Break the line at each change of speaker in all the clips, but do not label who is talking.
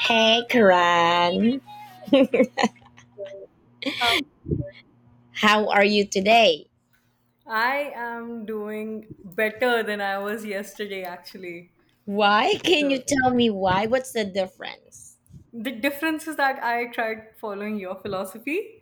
Hey, Karan.
Uh,
How are you today?
I am doing better than I was yesterday, actually.
Why? Can you
So
tell me why? What's the difference?
the difference is that I tried following your philosophy.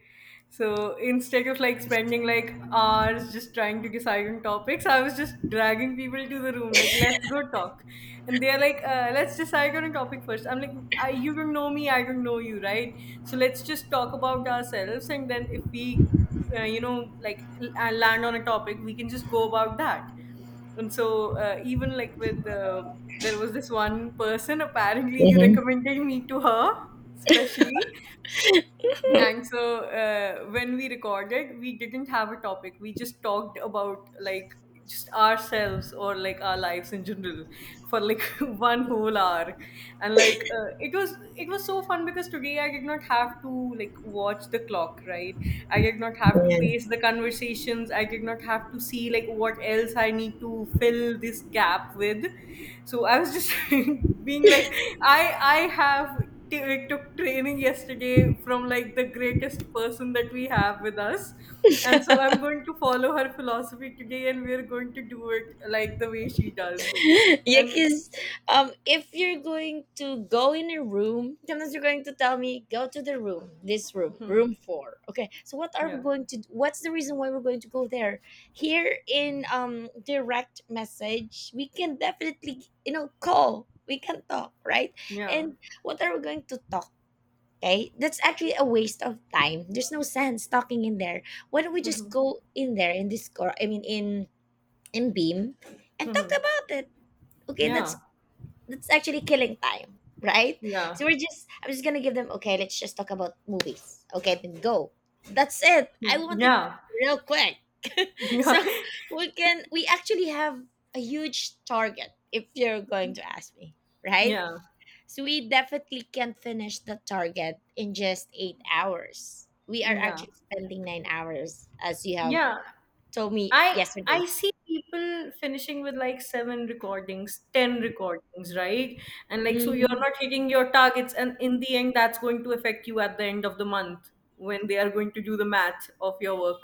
So instead of like spending like hours just trying to decide on topics, I was just dragging people to the room like let's go talk, and they're like let's decide on a topic first. I'm like you don't know me, I don't know you, right? So let's just talk about ourselves, and then if we land on a topic we can just go about that, and so even like with there was this one person apparently you
Mm-hmm.
recommended me to her especially, and so when we recorded we didn't have a topic, we just talked about like just ourselves or like our lives in general for like one whole hour. And like it was so fun because today I did not have to like watch the clock, right? I did not have to
Yeah,
pace the conversations, I did not have to see like what else I need to fill this gap with. So I was just being like I have took training yesterday from like the greatest person that we have with us. And so I'm going to follow her philosophy today and we're going to do it like the way she does.
yeah,
And
because if you're going to go in a room, sometimes you're going to tell me, go to the room, this room, room four. Okay, so what are we
yeah,
going to? What's the reason why we're going to go there? Here in direct message, we can definitely call. We can talk, right?
yeah,
And what are we going to talk? Okay, that's actually a waste of time. There's no sense talking in there. Why don't we just
mhm.
go in there in Discord? I mean, in Beam, and talk
Mhm.
about it. Okay,
Yeah,
that's actually killing time, right?
yeah,
So we're just I'm just gonna give them. Okay, let's just talk about movies. Okay, then go. That's it. I want it
yeah,
real quick.
yeah,
So we can we actually have a huge target if you're going to ask me, right?
yeah,
So we definitely can't finish the target in just 8 hours. We are
yeah.
actually spending 9 hours, as you have
Yeah,
told me
I
yesterday.
I see people finishing with like seven recordings, ten recordings, right? And like so you're
Mhm.
not hitting your targets, and in the end that's going to affect you at the end of the month when they are going to do the math of your work.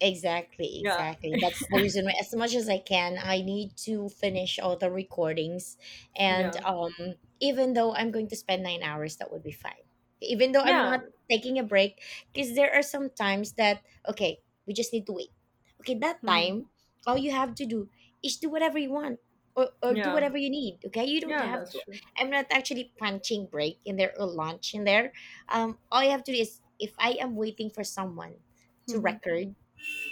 Exactly,
Yeah.
exactly. That's the reason why, as much as I can, I need to finish all the recordings. And
Yeah.
Even though I'm going to spend 9 hours, that would be fine. Even though I'm
Yeah.
not taking a break, because there are some times that, okay, we just need to wait. Okay, that
Hmm.
time, all you have to do is do whatever you want or do
Yeah.
whatever you need. Okay, you don't
Yeah,
have
that's
to.
true.
I'm not actually punching break in there or lunch in there. All you have to do is if I am waiting for someone to record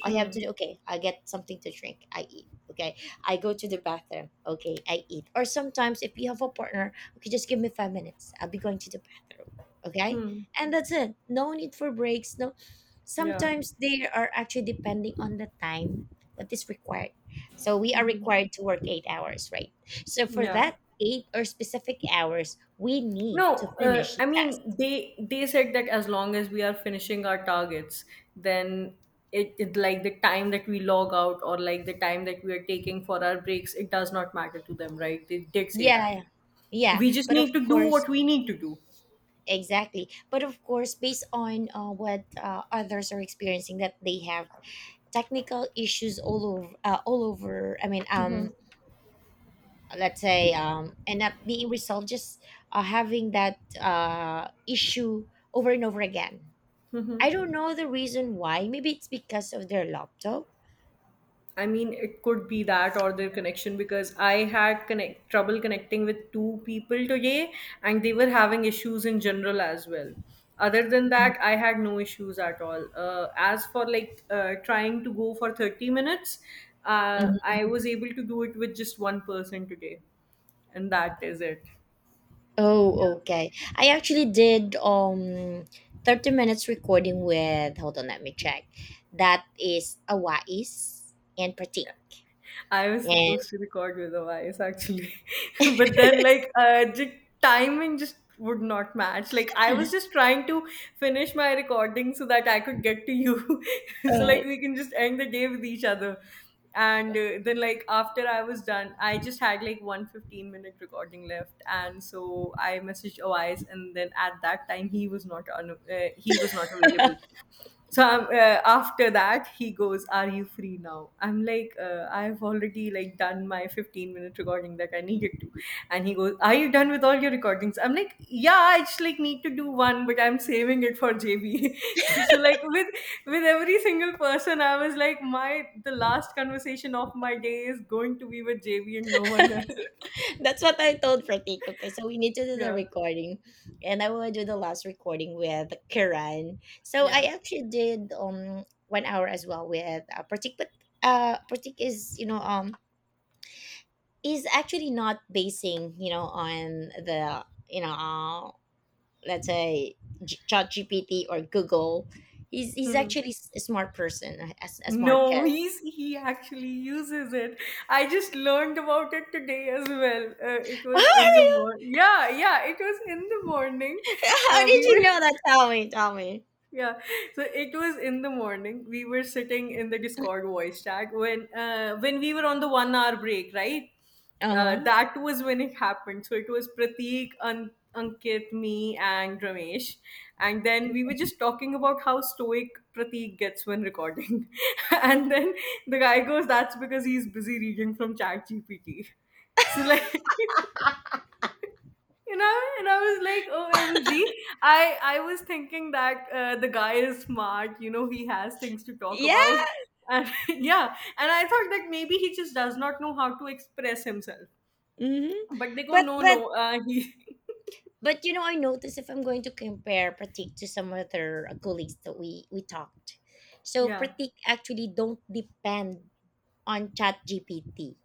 I have
Hmm.
to okay, I get something to drink, I eat. Okay. I go to the bathroom, okay, I eat. Or sometimes if you have a partner, okay, just give me 5 minutes. I'll be going to the bathroom. Okay?
Hmm.
And that's it. No need for breaks. No
Yeah.
sometimes they are actually depending on the time that is required. So we are required to work 8 hours, right? So for
Yeah.
that eight or specific hours, we need
No,
to finish the
I
task.
mean they said that as long as we are finishing our targets, then it like the time that we log out or like the time that we are taking for our breaks, it does not matter to them, right? They did say that.
Yeah. Yeah.
We just
But of
need to do
course
what we need to do.
exactly. But of course, based on what others are experiencing, that they have technical issues all over, all over. I mean, let's say, and not being resolved, just having that issue over and over again. I don't know the reason why. Maybe it's because of their laptop.
I mean, it could be that or their connection because I had connect trouble connecting with two people today, and they were having issues in general as well. Other than that, I had no issues at all. As for like trying to go for 30 minutes, I
Mhm.
was able to do it with just one person today, and that is it.
Oh, okay. I actually did 30 minutes recording with hold on, let me check. That is Awais and
Yeah.
Pratik.
I was
And
supposed to record with a voice actually, but then like the timing just would not match. Like I was just trying to finish my recording so that I could get to you, so
uh,
like we can just end the day with each other. And then like after I was done, I just had like one 15 minute recording left, and so I messaged Awais, and then at that time he was not available, so after that he goes, "Are you free now?" I'm like, "I've already like done my 15-minute recording that I needed to." And he goes, "Are you done with all your recordings?" I'm like, "Yeah, I just like need to do one, but I'm saving it for JB." So, like with every single person, I was like, my the last conversation of my day is going to be with JB and no one else.
that's what I told Pratik. Okay, so we need to do the
Yeah,
recording, and I will do the last recording with Kiran. So
yeah.
I actually did 1 hour as well with Pratik, but Pratik is is actually not basing on the let's say ChatGPT or Google. He's actually a smart person, a smart
No,
kid.
he actually uses it. I just learned about it today as well. It was in the morning. Yeah, yeah, it was in the morning.
How did
We
you
were
know that? Tell me, tell me.
Yeah, so it was in the morning. We were sitting in the Discord voice chat when we were on the 1 hour break, right?
Uh huh.
That was when it happened. So it was Prateek, Ankit, me, and Ramesh, and then we were just talking about how stoic Prateek gets when recording, and then the guy goes, "That's because he's busy reading from ChatGPT." So like you know and I was like, "OMG." I was thinking that the guy is smart, he has things to talk
Yeah,
about, and yeah, and I thought that maybe he just does not know how to express himself,
mhm.
but they go,
But
"No, no,
but
he—"
but you know, I noticed if I'm going to compare Pratik to some other colleagues that we talked. So
yeah.
Pratik actually don't depend on Chat GPT.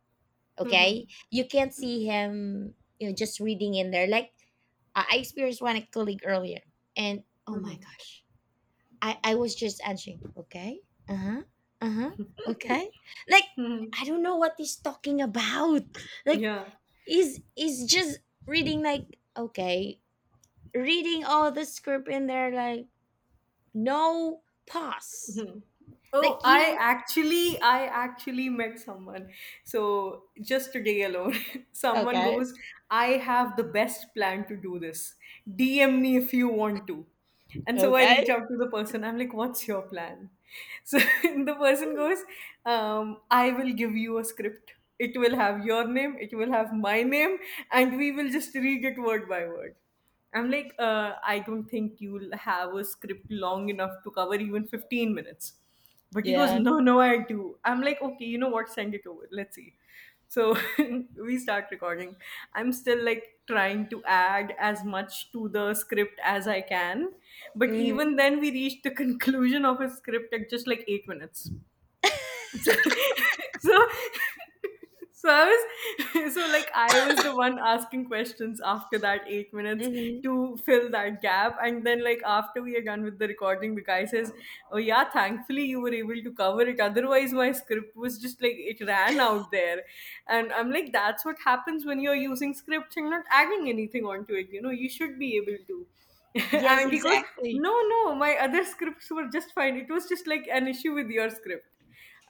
Okay,
Mhm.
you can't see him, you know, just reading in there. Like I experienced one colleague earlier, and oh my
Mhm.
gosh, I was just answering. Okay. Uh huh. Uh huh. Okay. Like I don't know what he's talking about. Like
Yeah.
he's just reading like okay, reading all the script in there like no pause.
Oh,
Like you.
I actually met someone. So just today alone, someone
Okay.
goes, "I have the best plan to do this. DM me if you want to." And so I
Okay.
reach out to the person. I'm like, "What's your plan?" So the person goes, "I will give you a script. It will have your name, it will have my name, and we will just read it word by word." I'm like, "I don't think you'll have a script long enough to cover even 15 minutes." But he goes,
Yeah.
"No, no, I do." I'm like, "Okay, you know what? Send it over. Let's see." So we start recording. I'm still like trying to add as much to the script as I can. But even
Mhm.
then, we reached the conclusion of a script at just like 8 minutes. So, so, so I so like I was the one asking questions after that 8 minutes
Mhm.
to fill that gap, and then like after we are done with the recording, the guy says, "Oh yeah, thankfully you were able to cover it. Otherwise, my script was just like it ran out there." And I'm like, "That's what happens when you're using scripts and not adding anything onto it. You know, you should be able to."
Yes.
And he goes,
Exactly.
"No, no, my other scripts were just fine. It was just like an issue with your script."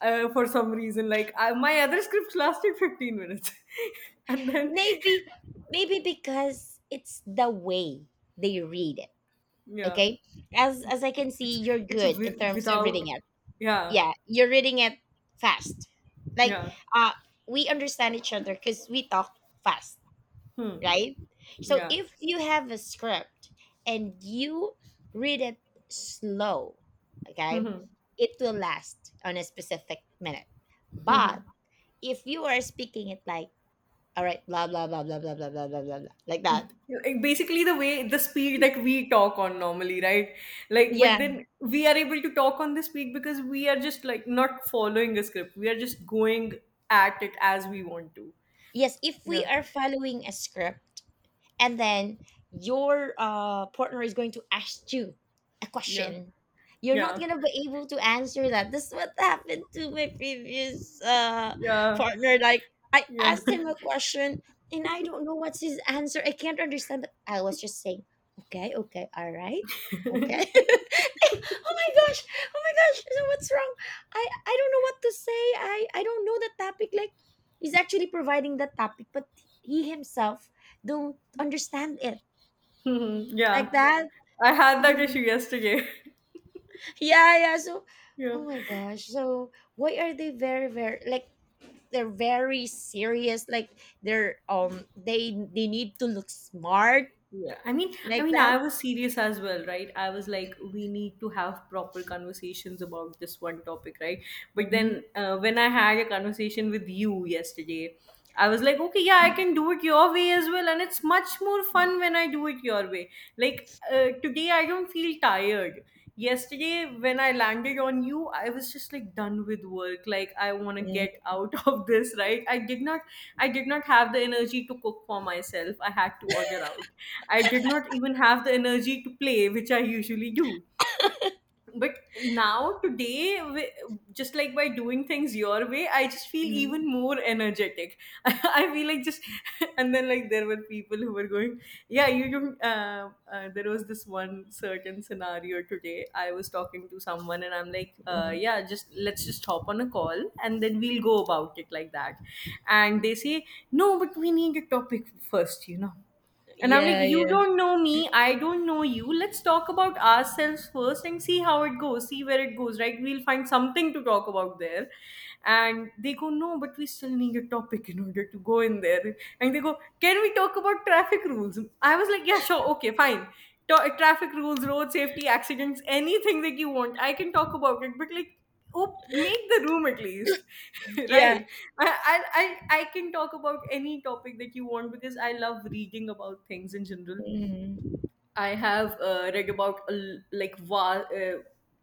For some reason. Like my other scripts lasted 15 minutes, and then
Maybe maybe because it's the way they read it.
yeah,
Okay, as I can see,
it's
you're good in terms of reading.
without. Yeah,
Yeah, you're reading it fast, like
yeah.
uh we understand each other because we talk fast,
Hmm,
right? So
yeah.
if you have a script and you read it slow, okay,
Hmm.
it will last on a specific minute, but if you are speaking it like all right blah blah blah blah blah blah blah blah blah blah," like that.
Like basically the way, the speed that we talk on normally, right? Like, but
Yeah,
then we are able to talk on this speed because we are just like not following a script, we are just going at it as we want to.
yes, if we
Yeah,
are following a script and then your partner is going to ask you a
yeah,
question, you're not
yeah,
going to be able to answer that. This is what happened to my previous
yeah,
partner. Like I
yeah.
asked him a question, and I don't know what's his answer. I can't understand, but I was just saying, okay, okay, all right, okay. Oh my gosh, oh my gosh, so what's wrong? I don't know what to say. I don't know the topic. Like he's actually providing the topic, but he himself don't understand it.
Mhm,
Like
yeah.
that.
I had that issue
Mm.
yesterday.
Yeah, yeah, so
Yeah.
oh my gosh, so why are they very very like they're very serious, like they're they need to look smart,
Yeah. I mean
like
I
that.
was serious as well, right? I was like we need to have proper conversations about this one topic, right? But
Hmm.
then when I had a conversation with you yesterday, I was like, okay, yeah, I can do it your way as well, and it's much more fun when I do it your way. Like today I don't feel tired. Yesterday when I landed on you, I was just like done with work, like I want to
Hmm.
get out of this, right? I did not have the energy to cook for myself, I had to order out. I did not even have the energy to play, which I usually do. But now today just like by doing things your way, I just feel even more energetic. I feel like just and then like there were people who were going, yeah. you There was this one certain scenario today, I was talking to someone and I'm like, yeah, just let's just hop on a call and then we'll go about it like that, and they say, "No, but we need a topic first, and I'm like,
Yeah,
"You
yeah,
don't know me. I don't know you. Let's talk about ourselves first and see how it goes, see where it goes, right? We'll find something to talk about there." And they go, "No, but we still need a topic in order to go in there." And they go, "Can we talk about traffic rules?" I was like, yeah, sure. Okay, fine. Traffic rules, road safety, accidents, anything that you want, I can talk about it. But like, oh, make the room at least.
yeah.
Right? I can talk about any topic that you want because I love reading about things in general.
Hmm.
I have read about a l- like va-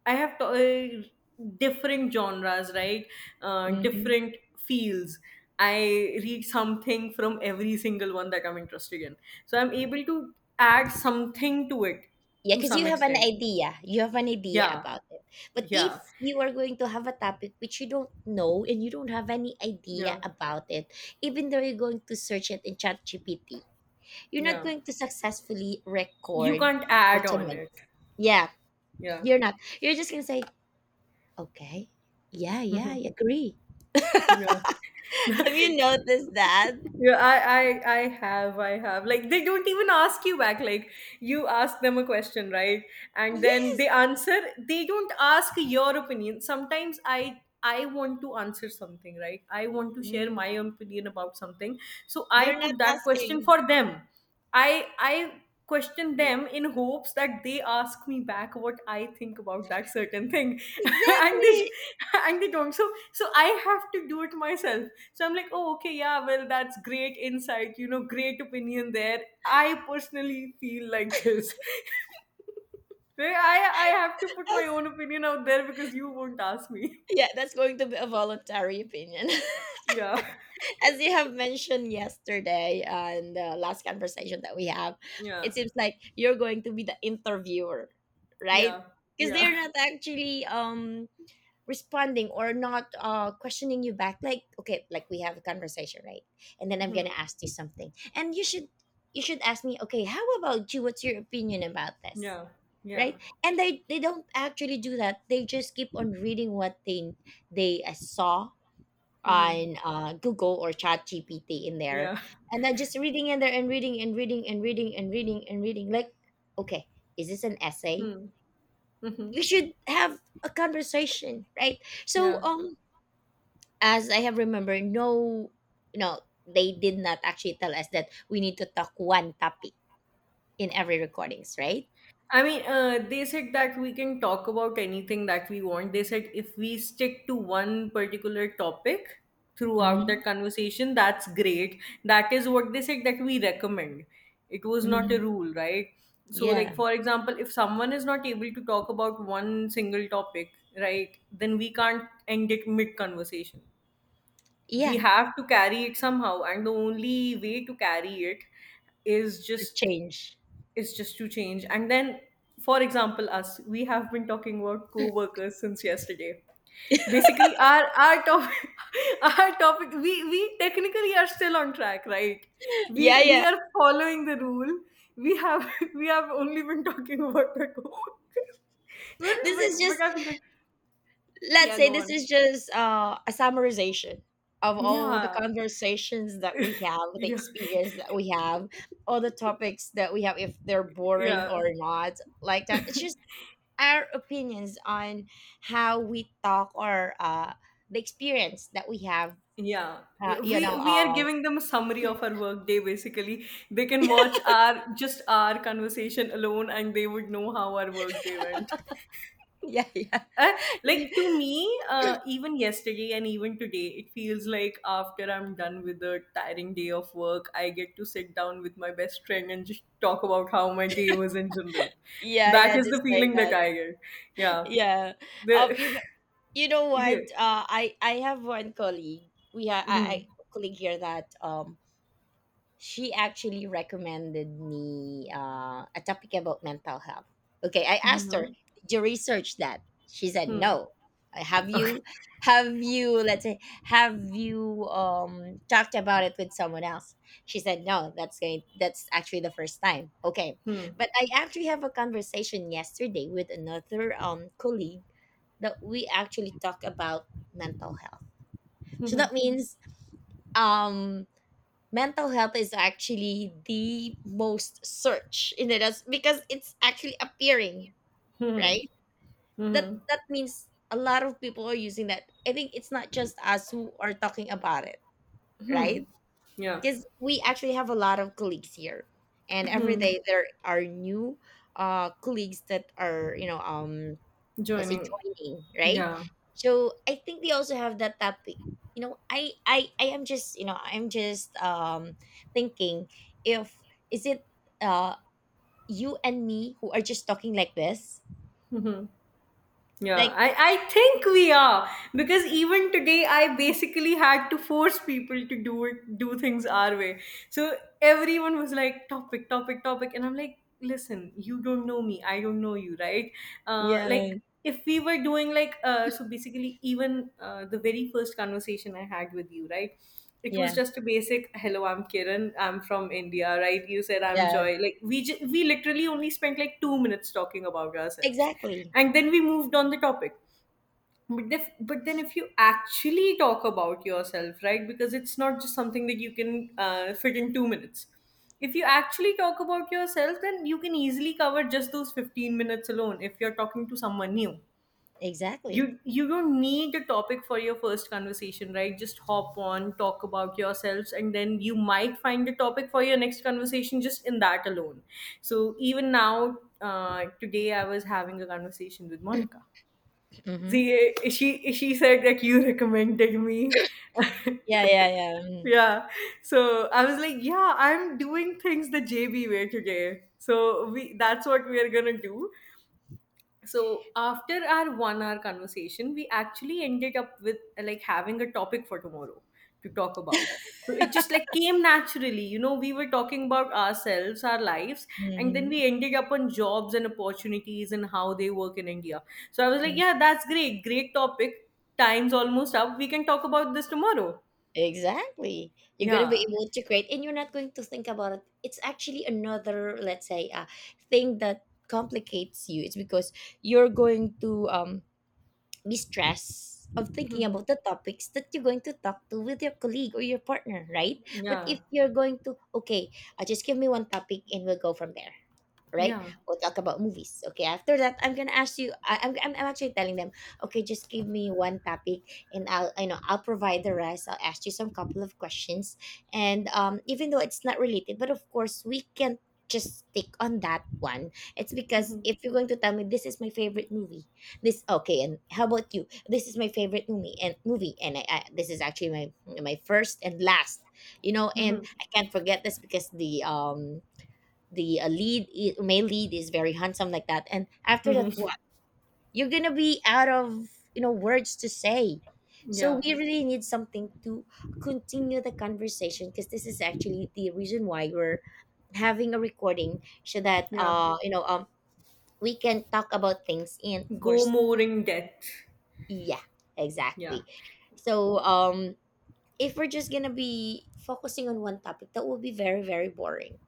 different genres, right? Different fields. I read something from every single one that I'm interested in, so I'm able to add something to it,
Yeah,
to
because you
some
have an
extent.
idea. You have an idea
Yeah,
about it. But
yeah,
if you are going to have a topic which you don't know and you don't have any idea
yeah,
about it, even though you're going to search it in ChatGPT, you're not
yeah,
going to successfully
you
record
can't add
15
on it.
minutes. Yeah,
Yeah.
you're not. You're just going to say, okay, yeah, yeah,
Mhm.
I agree.
yeah
Have you noticed that?
yeah, I have like they don't even ask you back. Like you ask them a question, right? And
Yeah.
then they answer. They don't ask your opinion. Sometimes I want to answer something, right? I want to share
Mm,
my opinion about something, so I
they're not
put that question
asking.
for them. I question them in hopes that they ask me back what I think about that certain thing, and they
Exactly.
and they don't. So I have to do it myself. So I'm like, oh okay, yeah, well that's great insight, great opinion there. I personally feel like this. I I have to put my
As-
own opinion out there because you won't ask me.
yeah, that's going to be a voluntary opinion.
Yeah,
As you have mentioned yesterday and the last conversation that we have,
yeah,
it seems like you're going to be the interviewer, right?
yeah,
Because
yeah,
they're not actually responding or not questioning you back. Like okay, like we have a conversation, right? And then I'm
hmm.
gonna ask you something, and you should ask me, okay, how about you? What's your opinion about this?
Yeah, yeah,
Right, and they don't actually do that. They just keep on reading what they saw
hmm.
on
Hmm.
Google or Chat GPT in there,
Yeah.
and then just reading in there and reading and reading and reading and reading and reading. Like, okay, is this an essay?
Hmm. Hmm.
You should have a conversation, right? So,
Yeah.
as I have remembered, no, no, they did not actually tell us that we need to talk one topic in every recordings, right?
I mean, they said that we can talk about anything that we want. They said if we stick to one particular topic throughout the
Hmm.
conversation, that's great. That is what they said that we recommend. It was not a
Hmm.
rule, right? So,
Yeah,
like, for example, if someone is not able to talk about one single topic, right, then we can't end it mid conversation. We
yeah,
have to carry it somehow, and the only way to carry it is
to
just
change.
is just to change. And then, for example, us, we have been talking about co-workers since yesterday. Basically, our topic, our topic, we technically are still on track, right?
Yeah,
We
yeah.
are following the rule. We have we have only been talking about the co-workers. but,
This
but,
is
but
just
I feel like,
let's
yeah,
say
go
this
on.
is just a summarization of all the
Yeah,
conversations that we have, the
yeah,
experience that we have, all the topics that we have, if they're boring
yeah.
or not, like that. It's just our opinions on how we talk or the experience that we have.
Yeah, yeah,
You know,
we are giving them a summary of our work day basically. They can watch our just our conversation alone, and they would know how our work day went.
yeah, yeah,
Uh, like to me, even yesterday and even today, it feels like after I'm done with a tiring day of work, I get to sit down with my best friend and just talk about how my day was in general.
yeah,
That
yeah,
is the
just like
feeling that
that.
I get. Yeah.
Yeah, um,
The
you know, you know
yeah.
what? I have one colleague. We have
Hmm.
I colleague here that she actually recommended me a topic about mental health. Okay, I
Hmm.
asked
Hmm.
her, "Did you research that?" She said,
Hmm.
"No." Uh, Have
Okay.
you, have you, let's say, have you talked about it with someone else? She said, "No." That's going. That's actually the first time. Okay,
Hmm.
but I actually have a conversation yesterday with another colleague that we actually talk about mental health.
Hmm.
So
Hmm.
that means um mental health is actually the most search in it as because it's actually appearing
Hmm.
right, that
Mhm.
that means a lot of people are using that. I think it's not just us who are talking about it, right?
Yeah.
Because we actually have a lot of colleagues here, and every day there are new colleagues that are as a
Joining.
joining, right?
Yeah.
So I think they also have that topic. You know, I am just I'm just thinking if is it uh you and me who are just talking like this,
Mhm. Yeah,
like
I think we are, because even today I basically had to force people to do it, do things our way. So everyone was like topic, topic, topic, and I'm like, listen, you don't know me, I don't know you, right? Like
yeah
if we were doing like so basically even the very first conversation I had with you, right? It was
yeah
just a basic hello, I'm Kiran, I'm from India, right? You said I'm
yeah
Joy. Like we literally only spent like 2 minutes talking about ourselves,
exactly
and then we moved on the topic. But if, but then if you actually talk about yourself, right, because it's not just something that you can fit in 2 minutes. If you actually talk about yourself, then you can easily cover just those 15 minutes alone if you're talking to someone new.
exactly
You don't need a topic for your first conversation, right? Just hop on, talk about yourselves, and then you might find a topic for your next conversation just in that alone. So even now, today I was having a conversation with Monica.
mm-hmm.
See, she said that you recommended me.
Yeah yeah yeah mm-hmm.
Yeah. So I was like, yeah, I'm doing things the JB way today. So we that's what we are gonna do. So after our 1 hour conversation, we actually ended up with like having a topic for tomorrow to talk about. So it just like came naturally, you know, we were talking about ourselves, our lives, and then
Mm-hmm.
we ended up on jobs and opportunities and how they work in India. So I was like, yeah, that's great, great topic. Time's almost up, we can talk about this tomorrow.
Exactly. You're going to be
Yeah,
able to create and you're not going to think about it. It's actually another, let's say, thing that complicates you. It's because you're going to be stressed of thinking about the topics that you're going to talk to with your colleague or your partner, right? But
yeah,
if you're going to, okay, just give me one topic and we'll go from there, right?
yeah.
We'll talk about movies. Okay, after that, I'm gonna ask you. I, I'm actually telling them, okay, just give me one topic, and I'll I'll provide the rest. I'll ask you some couple of questions, and even though it's not related, but of course we can just stick on that one. It's because
Mhm.
if you're going to tell me this is my favorite movie, this okay, and how about you? This is my favorite movie and movie, and I this is actually my first and last, you know, and
Mhm.
I can't forget this because the lead male lead is very handsome like that. And after that
Mhm.
what you're gonna be out of, you know, words to say. So
Yeah,
we really need something to continue the conversation because this is actually the reason why we're having a recording so that
yeah,
we can talk about things. And of
go
course,
more in depth.
yeah,
Yeah.
exactly. So, if we're just gonna be focusing on one topic, that will be very very boring.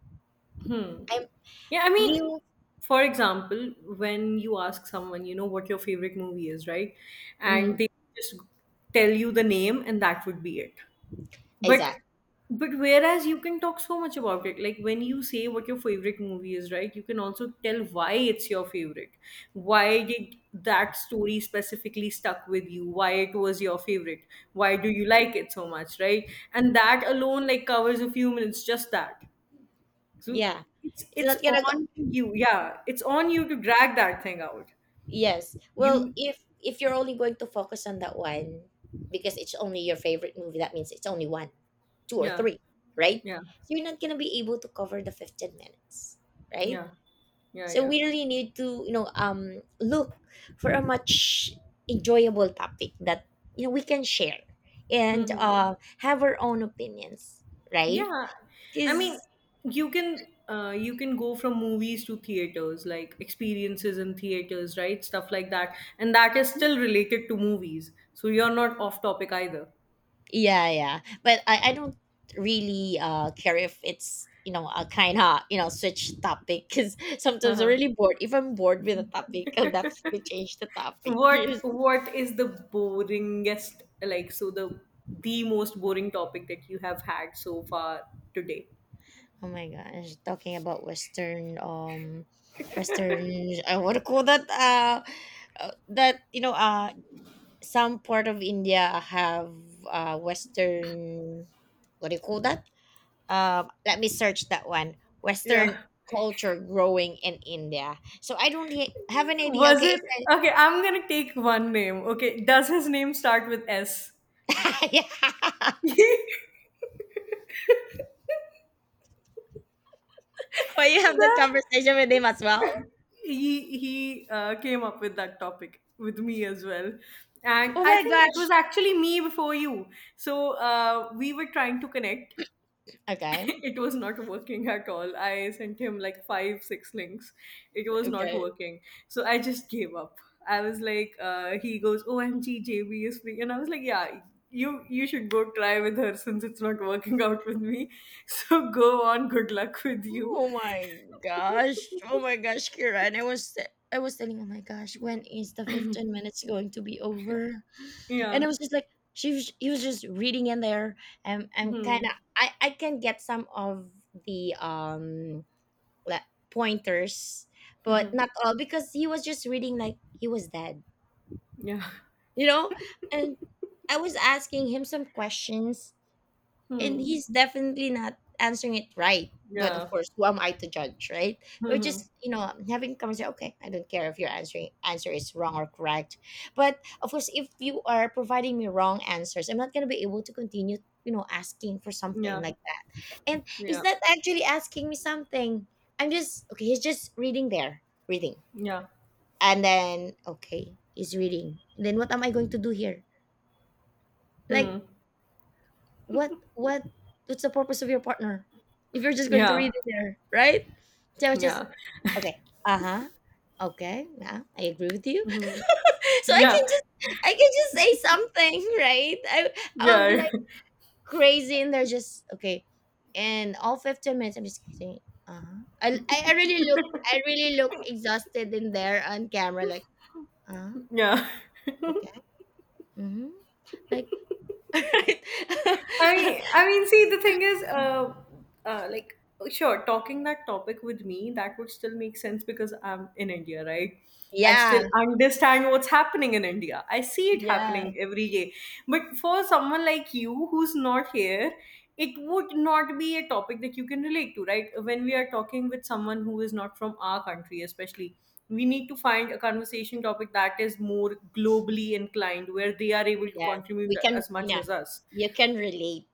Hmm.
i'm
Yeah, I mean,
you
for example, when you ask someone, you know, what your favorite movie is, right? And
mm,
they just tell you the name, and that would be it. But
exactly.
but whereas you can talk so much about it. Like when you say what your favorite movie is, right? You can also tell why it's your favorite. Why did that story specifically stuck with you? Why it was your favorite? Why do you like it so much, right? And that alone like covers a few minutes, just that. So
Yeah.
it's
It's
it's
not gonna go
on you. Yeah, it's on you to drag that thing out.
yes. Well,
You
if you're only going to focus on that one, because it's only your favorite movie, that means it's only one, two or
yeah,
three, right?
yeah,
So you're not gonna be able to cover the 15 minutes, right?
yeah, yeah,
So
yeah.
we really need to, you know, look for a much enjoyable topic that, you know, we can share, and
Hmm. Hmm.
have our own opinions, right?
Yeah. I mean,
Because
you can go from movies to theaters, like experiences in theaters, right? Stuff like that. And that is still related to movies. So you're not off topic either.
yeah, yeah. But I don't really care if it's, you know, a kind of, you know, switch topic, because sometimes I'm
Uh-huh.
really bored. If I'm bored with a topic, I'll definitely change the topic. Yes.
What is the boringest, like, so the most boring topic that you have had so far today?
Oh my gosh, talking about Western Western. I want to call that that, you know, some part of India have Western, what do you call that? Let me search that one.
Yeah.
Western culture growing in India. So I don't have an idea.
Was it
Okay, so-
okay? I'm gonna take one name. Okay, does his name start with S?
yeah.
the
Why you have that conversation with him as well?
He came up with that topic with me as well, and
Oh
I
my
think it
gosh.
was actually me before you. So we were trying to connect,
Okay.
it was not working at all. I sent him like 5 6 links, it was not
Okay.
working, so I just gave up. I was like, he goes, "OMG is free," and I was like, "Yeah, you should go try with her, since it's not working out with me." So go on, good luck with you.
Oh my gosh. Oh my gosh, Kira. And I was telling, oh my gosh, when is the 15 minutes going to be over? And I
Yeah.
was just like, she was he was just reading in there. And I'm
Hmm.
kinda I can get some of the le- pointers, but
Hmm.
not all, because he was just reading like he was dead,
Yeah.
you know? And I was asking him some questions, and
Hmm.
he's definitely not answering it right. But of
Yeah.
course, who am I to judge, right? We're
Hmm.
just, you know, having a conversation. Okay, I don't care if your answer is wrong or correct. But of course, if you are providing me wrong answers, I'm not gonna be able to continue, you know, asking for something
Yeah.
like that. And he's
Yeah.
not actually asking me something. I'm just okay, he's just reading there. Reading.
Yeah.
And then okay, he's reading. And then what am I going to do here?
Hmm.
Like what what's the purpose of your partner if you're just going to
Yeah.
read it there, right? So it's just
Yeah.
okay, uh-huh, okay, yeah, I agree with you.
Hmm.
So i
Yeah.
can just I can just say something, right? I'll be
Yeah.
like crazy, and they're just okay. And all 15 minutes I'm just saying uh-huh. I really look, I really look exhausted in there on camera, like uh
Yeah.
okay, mm-hmm, like, right.
See, the thing is, like, sure, talking that topic with me, that would still make sense because I'm in India, right? I
Yeah,
still understand what's happening in India. I see it
yeah.
happening every day. But for someone like you who's not here, it would not be a topic that you can relate to, right? When we are talking with someone who is not from our country, especially, we need to find a conversation topic that is more globally inclined, where they are able to
Yeah,
contribute
we can.
as much
Yeah,
as us.
you can relate.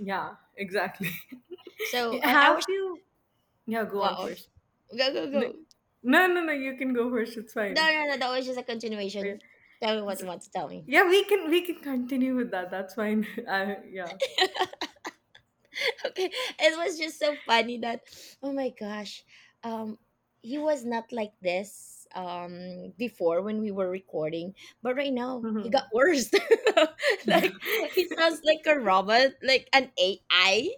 Yeah, exactly.
So I
Have
was
you? Yeah, go on
wow.
first.
Go go
No,
go.
no, no, no, you can go first. It's
No
fine.
no no. That was just a
Uh,
continuation. Tell me what you
s-
want to tell me.
Yeah, we can continue with that. That's fine. Yeah.
Okay, it was just so funny that. Oh my gosh, um, he was not like this before when we were recording, but right now he got worse.
Yeah.
Like he sounds like a robot, like an AI.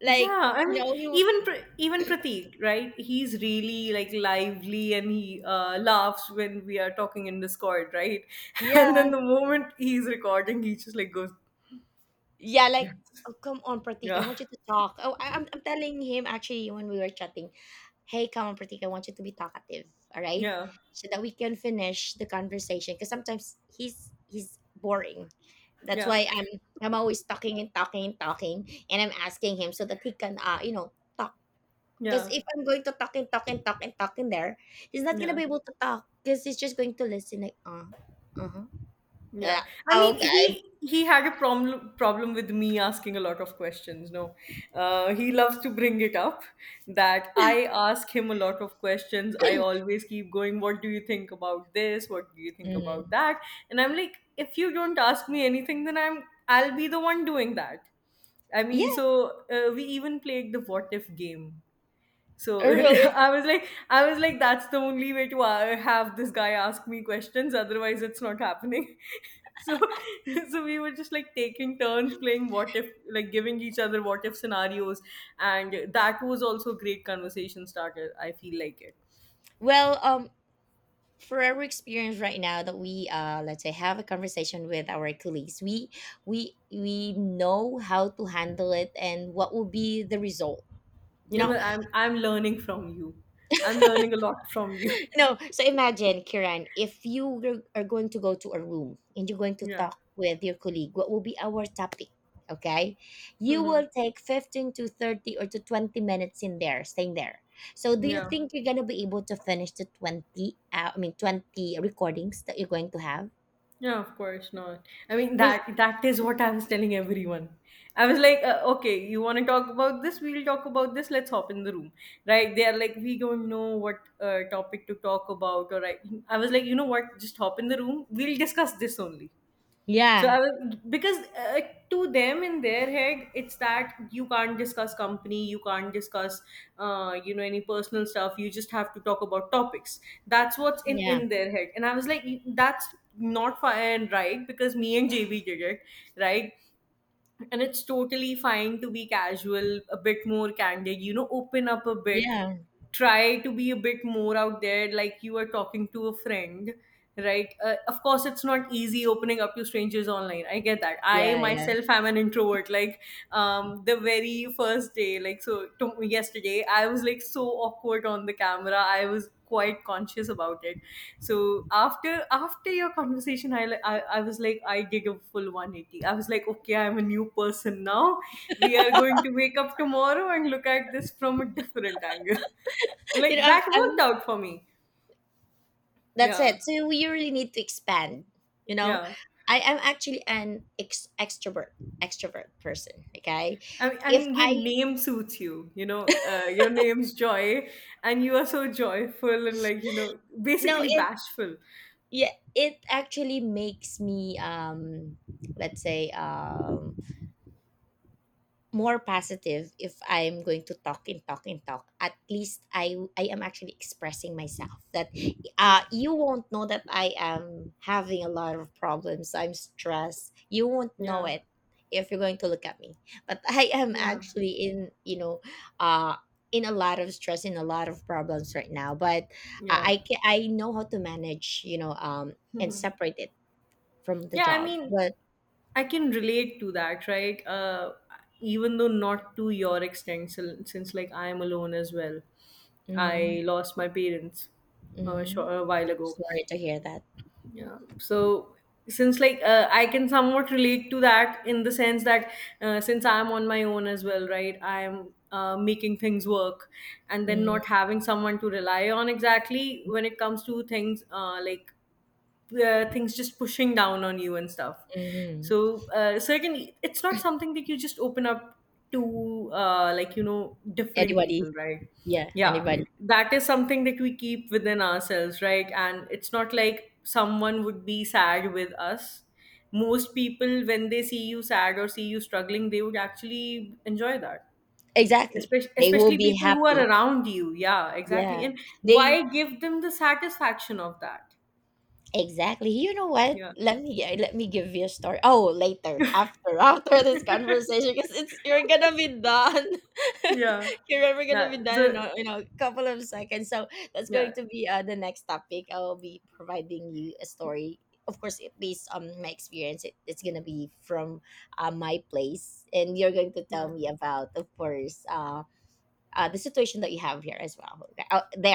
Like
Yeah, I
you
mean,
know you.
even Pratik, right? He's really like lively, and he laughs when we are talking in Discord, right? And
Yeah,
then the moment he's recording, he just like goes,
yeah, like,
yes,
"Oh, come on, Pratik, I
yeah,
want you to talk." Oh, I'm telling him actually when we were chatting, "Hey, come on, Pratik, I want you to be talkative, all right?
yeah,
So that we can finish the conversation." Because sometimes he's boring. That's
yeah,
why I'm always talking and talking and talking, and I'm asking him so that he can you know talk. Because
yeah,
if I'm going to talk and talk and talk and talk in there, he's not gonna be
yeah.
able to talk because he's just going to listen like huh.
Yeah.
Yeah,
I mean,
okay,
he had a problem with me asking a lot of questions. No, he loves to bring it up that I ask him a lot of questions. I always keep going, "What do you think about this? What do you think about
mm,
that?" And I'm like, if you don't ask me anything, then I'll be the one doing that. I
yeah,
mean, so we even played the what if game, so
really.
I was like, that's the only way to have this guy ask me questions. Otherwise, it's not happening. So, so we were just like taking turns playing what if, like giving each other what if scenarios, and that was also great conversation starter. I feel like it.
Well, for our experience right now, that we let's say have a conversation with our colleagues, we we know how to handle it and what will be the result, you
Yeah,
know.
but I'm learning from you. I'm learning a lot from you.
You know, so imagine Kiran, if you are going to go to a room and you're going to
Yeah.
talk with your colleague, what will be our topic? Okay, you
Mhm.
will take 15 to 30 or to 20 minutes in there staying there. So do you
Yeah.
think you're going to be able to finish the 20, I mean, 20 recordings that you're going to have?
Yeah, of course not. I mean,
'Cause
that is what I was telling everyone. I was like, okay, you want to talk about this? We'll talk about this. Let's hop in the room, right? They are like, we don't know what topic to talk about, or I was like, you know what? Just hop in the room. We'll discuss this only. So
yeah,
I was, because to them in their head, it's that you can't discuss company, you can't discuss, you know, any personal stuff. You just have to talk about topics. That's what's in
yeah,
in their head. And I was like, that's not fair and right because me and JB did it, right? And it's totally fine to be casual, a bit more candid, you know, open up a bit,
yeah,
try to be a bit more out there, like you are talking to a friend, right? Of course, it's not easy opening up to strangers online. I get that. I
yeah, yeah.
myself am an introvert, like, the very first day, like, yesterday I was like so awkward on the camera. I was quite conscious about it. So after after your conversation, I was like, I did a full 180. I was like, okay, I'm a new person now. We are going to wake up tomorrow and look at this from a different angle.
You know,
Like
I'm,
that worked
I'm.
out for me.
That's
Yeah,
it. So we really need to expand. You know,
yeah.
I am actually an extrovert, extrovert person. Okay, if
Your
I
name suits you, you know, your name's Joy, and you are so joyful and, like, you know,
no,
basically
it
bashful.
yeah, it actually makes me let's say more positive if I'm going to talk and talk and talk. At least I am actually expressing myself. That
Yeah,
you won't know that I am having a lot of problems. I'm stressed. You won't know
yeah,
it if you're going to look at me. But I am
yeah,
actually in, you know, uh in a lot of stress, in a lot of problems right now. But
yeah.
I know how to manage, you know, and separate it from the
Yeah, I
job.
mean,
But
I can relate to that, right? Even though not to your extent, so, since like I am alone as well.
mm-hmm,
I lost my parents
mm-hmm.
a while ago.
Sorry to hear that.
Yeah, so since like I can somewhat relate to that in the sense that since I'm on my own as well, right? I'm making things work, and then
Mm-hmm.
not having someone to rely on exactly when it comes to things like things just pushing down on you and stuff.
Mhm.
So, so again, it's not something that you just open up to, like, you know, different
Anybody.
people, right?
Yeah,
Yeah,
anybody.
that is something that we keep within ourselves, right? And it's not like someone would be sad with us. Most people, when they see you sad or see you struggling, they would actually enjoy that,
Exactly.
especially,
They will
especially
be
people who are
happy.
around you. Yeah, exactly,
Yeah.
and
They
why give them the satisfaction of that?
exactly. You know what?
Yeah.
Let me, yeah, let me give you a story. Oh, later. After after this conversation because it's you're gonna be done.
Yeah.
You're ever gonna
Yeah.
be done
So
in a couple of seconds. So that's going
yeah.
to be the next topic. I will be providing you a story. Of course, it based on my experience, it's gonna be from my place, and you're going to tell
Yeah.
me about, of course, the situation that you have here as well. Okay, out there.